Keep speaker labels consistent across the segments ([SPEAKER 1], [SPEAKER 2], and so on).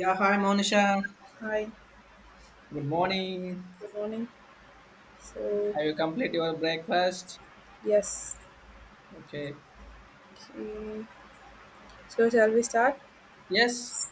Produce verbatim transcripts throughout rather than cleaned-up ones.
[SPEAKER 1] Yeah, hi Monisha.
[SPEAKER 2] Hi,
[SPEAKER 1] Good morning.
[SPEAKER 2] good morning. So,
[SPEAKER 1] Have you complete your breakfast?
[SPEAKER 2] yes,
[SPEAKER 1] Okay.
[SPEAKER 2] okay. So, shall we start?
[SPEAKER 1] Yes,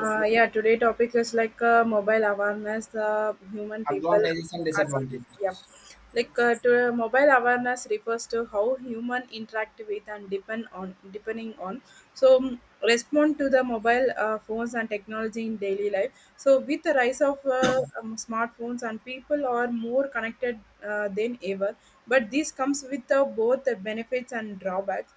[SPEAKER 2] Uh, yeah, today topic is like uh, mobile awareness, the human people
[SPEAKER 1] Advantages and
[SPEAKER 2] advantage. Yeah,
[SPEAKER 1] disadvantages.
[SPEAKER 2] like
[SPEAKER 1] Yes.
[SPEAKER 2] uh, to, uh, mobile awareness refers to how human interact with and depend on, depending on. So mm, respond to the mobile uh, phones and technology in daily life. So with the rise of uh, um, smartphones and people are more connected uh, than ever. But this comes with uh, both the benefits and drawbacks,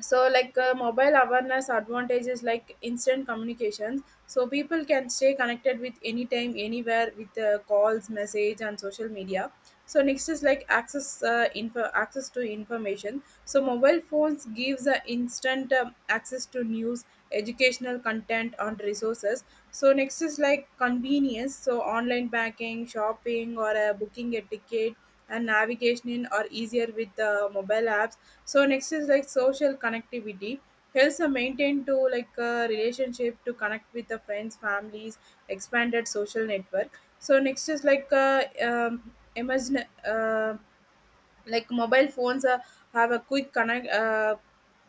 [SPEAKER 2] so like uh, mobile awareness advantages like instant communications, so people can stay connected with anytime anywhere with uh, calls, message, and social media. So next is like access uh, info access to information, so mobile phones gives uh, instant um, access to news, educational content, and resources. So next is like convenience, so online banking, shopping, or uh, booking a ticket and navigation are easier with the mobile apps. So next is like social connectivity. Helps a maintain to like a relationship, to connect with the friends, families, expanded social network. So next is like uh, um, imagine uh, like mobile phones uh, have a quick connect. Uh,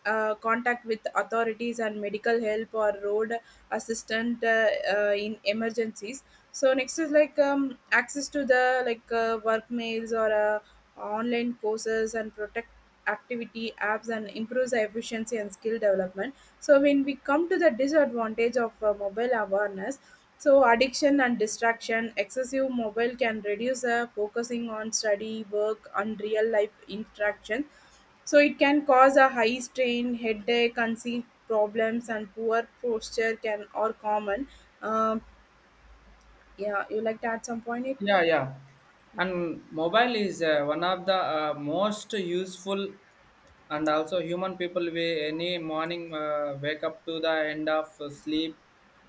[SPEAKER 2] uh, contact with authorities and medical help or road assistant, uh, uh, in emergencies. So next is like um, access to the like uh, work mails or uh, online courses and protect activity apps and improves the efficiency and skill development. So when we come to the disadvantage of uh, mobile awareness, so addiction and distraction, excessive mobile can reduce uh, focusing on study, work, and real life interaction. So it can cause a high strain, headache, conceit problems, and poor posture can are common. Um, yeah, you like to add some point? It
[SPEAKER 1] Yeah, yeah. And mobile is uh, one of the uh, most useful, and also human people we any morning uh, wake up to the end of sleep,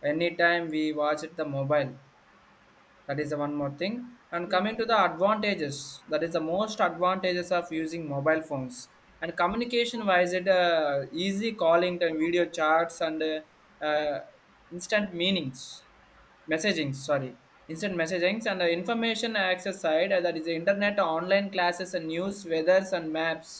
[SPEAKER 1] anytime we watch it the mobile. That is the one more thing. And coming to the advantages, that is the most advantages of using mobile phones. And communication wise, it uh, easy calling and video chats and uh, uh, instant meanings, messaging, sorry, instant messaging. And uh, information access side, uh, that is the internet, online classes, and news, weathers, and maps.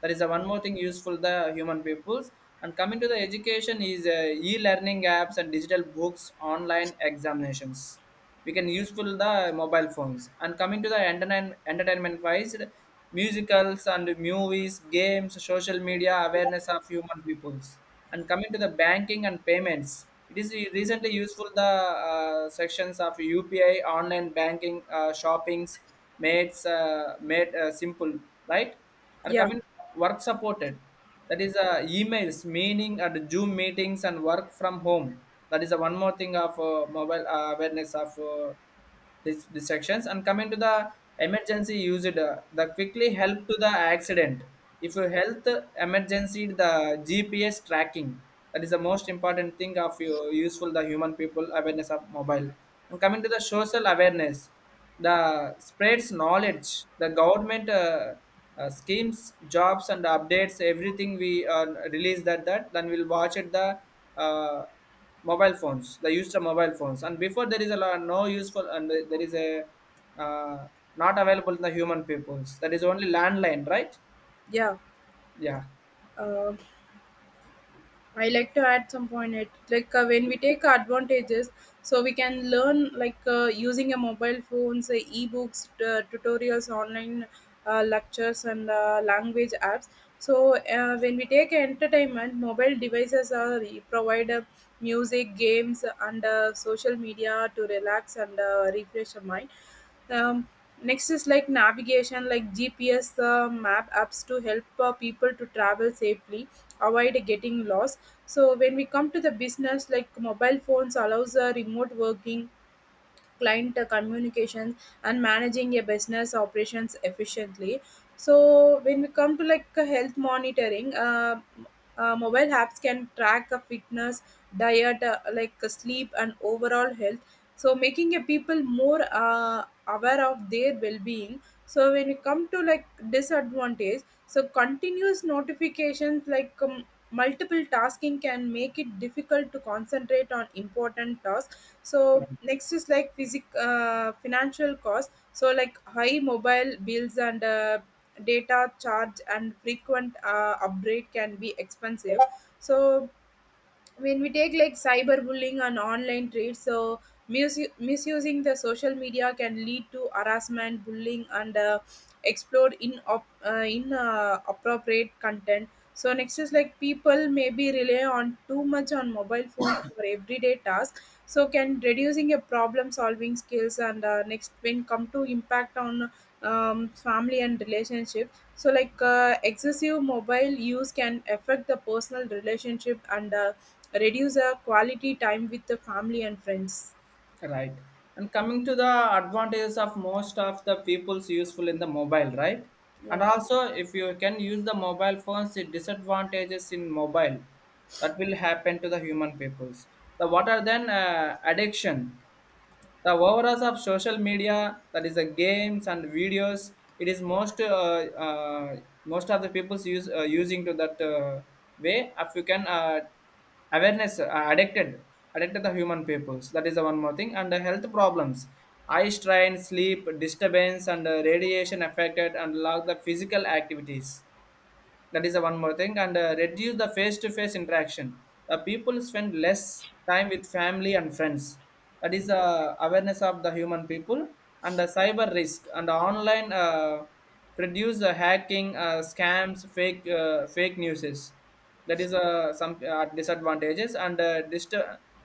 [SPEAKER 1] That is the one more thing useful the human peoples. And coming to the education is uh, e-learning apps and digital books, online examinations. We can useful the mobile phones. And coming to the entertain entertainment wise, musicals and movies, games, social media awareness of human peoples. And coming to the banking and payments, it is recently useful the uh, sections of U P I, online banking, uh, shoppings made uh, made uh, simple, right? And
[SPEAKER 2] yeah,
[SPEAKER 1] coming work supported, that is uh, emails meaning and Zoom meetings and work from home. That is uh, one more thing of uh, mobile uh, awareness of uh, this, this sections. And coming to the emergency used, uh, the quickly help to the accident, if your health emergency, the G P S tracking, that is the most important thing of your useful the human people awareness of mobile. And coming to the social awareness, the spreads knowledge, the government uh, uh, schemes, jobs, and updates everything we uh, release that that, then we'll watch it the uh, mobile phones, the use of mobile phones. And before there is a lot no useful, and there is a uh, not available in the human peoples, that is only landline, right?
[SPEAKER 2] yeah.
[SPEAKER 1] Yeah.
[SPEAKER 2] Um I like to add some point it, like uh, when we take advantages, so we can learn like uh, using a mobile phones, say ebooks, uh, tutorials, online uh, lectures, and uh, language apps. So uh, when we take entertainment, mobile devices are provide uh, music, games, and uh, social media to relax and uh, refresh our mind. um, next is like navigation, like G P S uh, map apps to help uh, people to travel safely, avoid getting lost. So when we come to the business, like mobile phones allows uh, remote working, client communications, and managing a business operations efficiently. So when we come to like uh, health monitoring, uh, uh, mobile apps can track a fitness, diet, uh, like uh, sleep and overall health, so making a people more uh, aware of their well-being. So when you come to like disadvantage, so continuous notifications like um, multiple tasking can make it difficult to concentrate on important tasks.
[SPEAKER 1] Okay.
[SPEAKER 2] So next is like physic uh, financial cost, so like high mobile bills and uh, data charge and frequent uh, upgrade can be expensive. So when we take like cyberbullying and online trades, so misu- misusing the social media can lead to harassment, bullying, and uh, explore in op- uh, in uh, appropriate content. So next is like people maybe rely on too much on mobile phone for everyday tasks, so can reducing your problem solving skills. And uh, next when come to impact on um, family and relationship. So like uh, excessive mobile use can affect the personal relationship and uh, reduce our quality time with the family and friends.
[SPEAKER 1] Right. And coming to the advantages of most of the people's useful in the mobile, right? And
[SPEAKER 2] Yeah.
[SPEAKER 1] also, if you can use the mobile phones, the disadvantages in mobile that will happen to the human peoples. The what are then uh, addiction? The overall of social media, that is the games and videos. It is most uh, uh, most of the people's use uh, using to that uh, way, if you can uh, awareness uh, addicted addicted the human peoples. That is the one more thing. And the health problems, eye strain, sleep disturbance, and uh, radiation affected, and lack the physical activities. That is the one more thing. And uh, reduce the face-to-face interaction, the people spend less time with family and friends. That is the awareness of the human people. And the cyber risk and the online uh, reduce the hacking, uh, scams, fake uh, fake newses. That is uh, some uh, disadvantages. And uh, dist-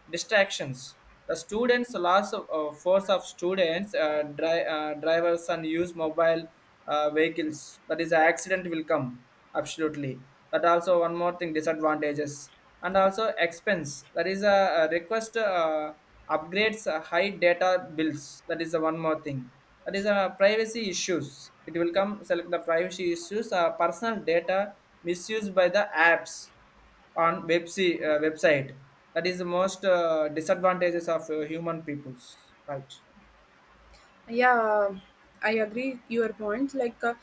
[SPEAKER 1] distractions, the students loss of uh, force of students, uh, dri- uh, drivers and use mobile uh, vehicles, that is accident will come, absolutely. That also one more thing disadvantages. And also expense, that is a, a request, uh, upgrades, uh, high data bills, that is the one more thing. That is a privacy issues, it will come select the privacy issues, uh, personal data misused by the apps on web se- uh, website. That is the most uh, disadvantages of uh, human peoples. Right.
[SPEAKER 2] Yeah, I agree your points, like uh,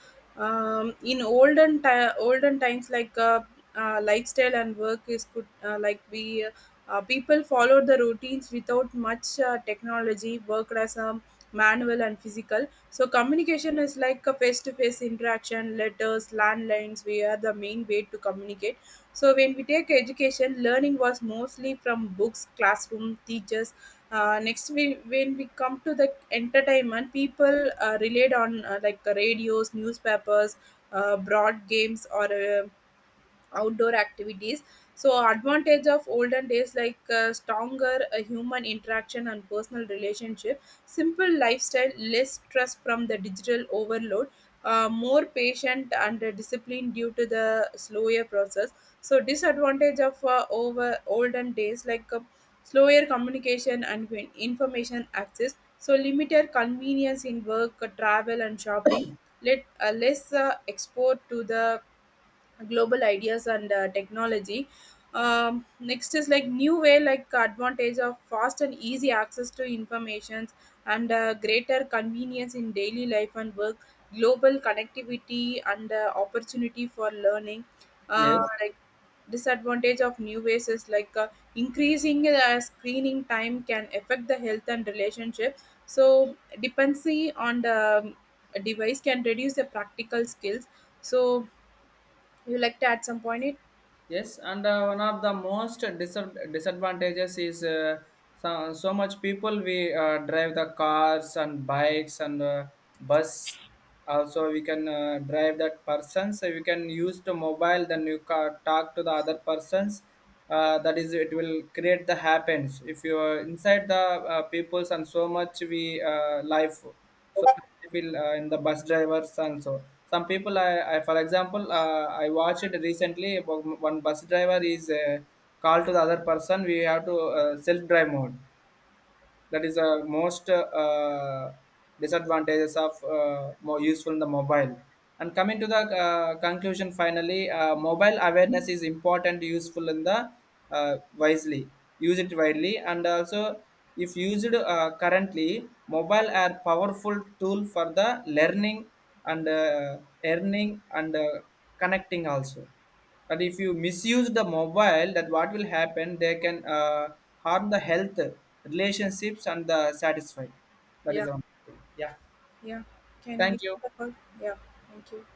[SPEAKER 2] um, in olden ti- olden times, like uh, uh, lifestyle and work is good. uh, like we uh, uh, people followed the routines without much uh, technology, worked as a manual and physical. So communication is like a face-to-face interaction, letters, landlines we are the main way to communicate. So when we take education, learning was mostly from books, classroom teachers. uh, next we when we come to the entertainment, people uh, relied on uh, like uh, radios, newspapers, uh, broad games, or uh, outdoor activities. So, advantage of olden days, like uh, stronger uh, human interaction and personal relationship, simple lifestyle, less stress from the digital overload, uh, more patient and uh, disciplined due to the slower process. So, disadvantage of uh, over olden days, like uh, slower communication and in- information access. So, limited convenience in work, uh, travel, and shopping. Let uh, less uh, export to the global ideas and uh, technology. um, next is like new way, like advantage of fast and easy access to informations and uh, greater convenience in daily life and work, global connectivity, and uh, opportunity for learning. uh,
[SPEAKER 1] Yes.
[SPEAKER 2] like disadvantage of new ways is like uh, increasing uh, screening time can affect the health and relationship. So dependency on the um, device can reduce the practical skills. So you like to add some point it?
[SPEAKER 1] Yes, and uh, one of the most disad disadvantages is uh, so, so much people we uh, drive the cars and bikes and uh, bus. Also, we can uh, drive that person. So we can use the mobile. Then you ca talk to the other persons. Uh, that is, it will create the happens. If you are inside the uh, peoples and so much we uh, life, so it will uh, in the bus drivers also, some people i, I for example uh, i watched it recently about one bus driver is uh, called to the other person, we have to uh, self drive mode. That is the most uh, disadvantages of uh, more useful in the mobile. And coming to the uh, conclusion, finally uh, mobile awareness is important useful in the uh, wisely use it widely. And also, if used uh, currently, mobile are powerful tool for the learning and uh, earning and uh, connecting also. That if you misuse the mobile, that what will happen, they can uh, harm the health, relationships, and the satisfy. That is
[SPEAKER 2] Yeah.
[SPEAKER 1] one thing. Yeah,
[SPEAKER 2] Yeah. Can we?
[SPEAKER 1] thank you.
[SPEAKER 2] Yeah. Thank you.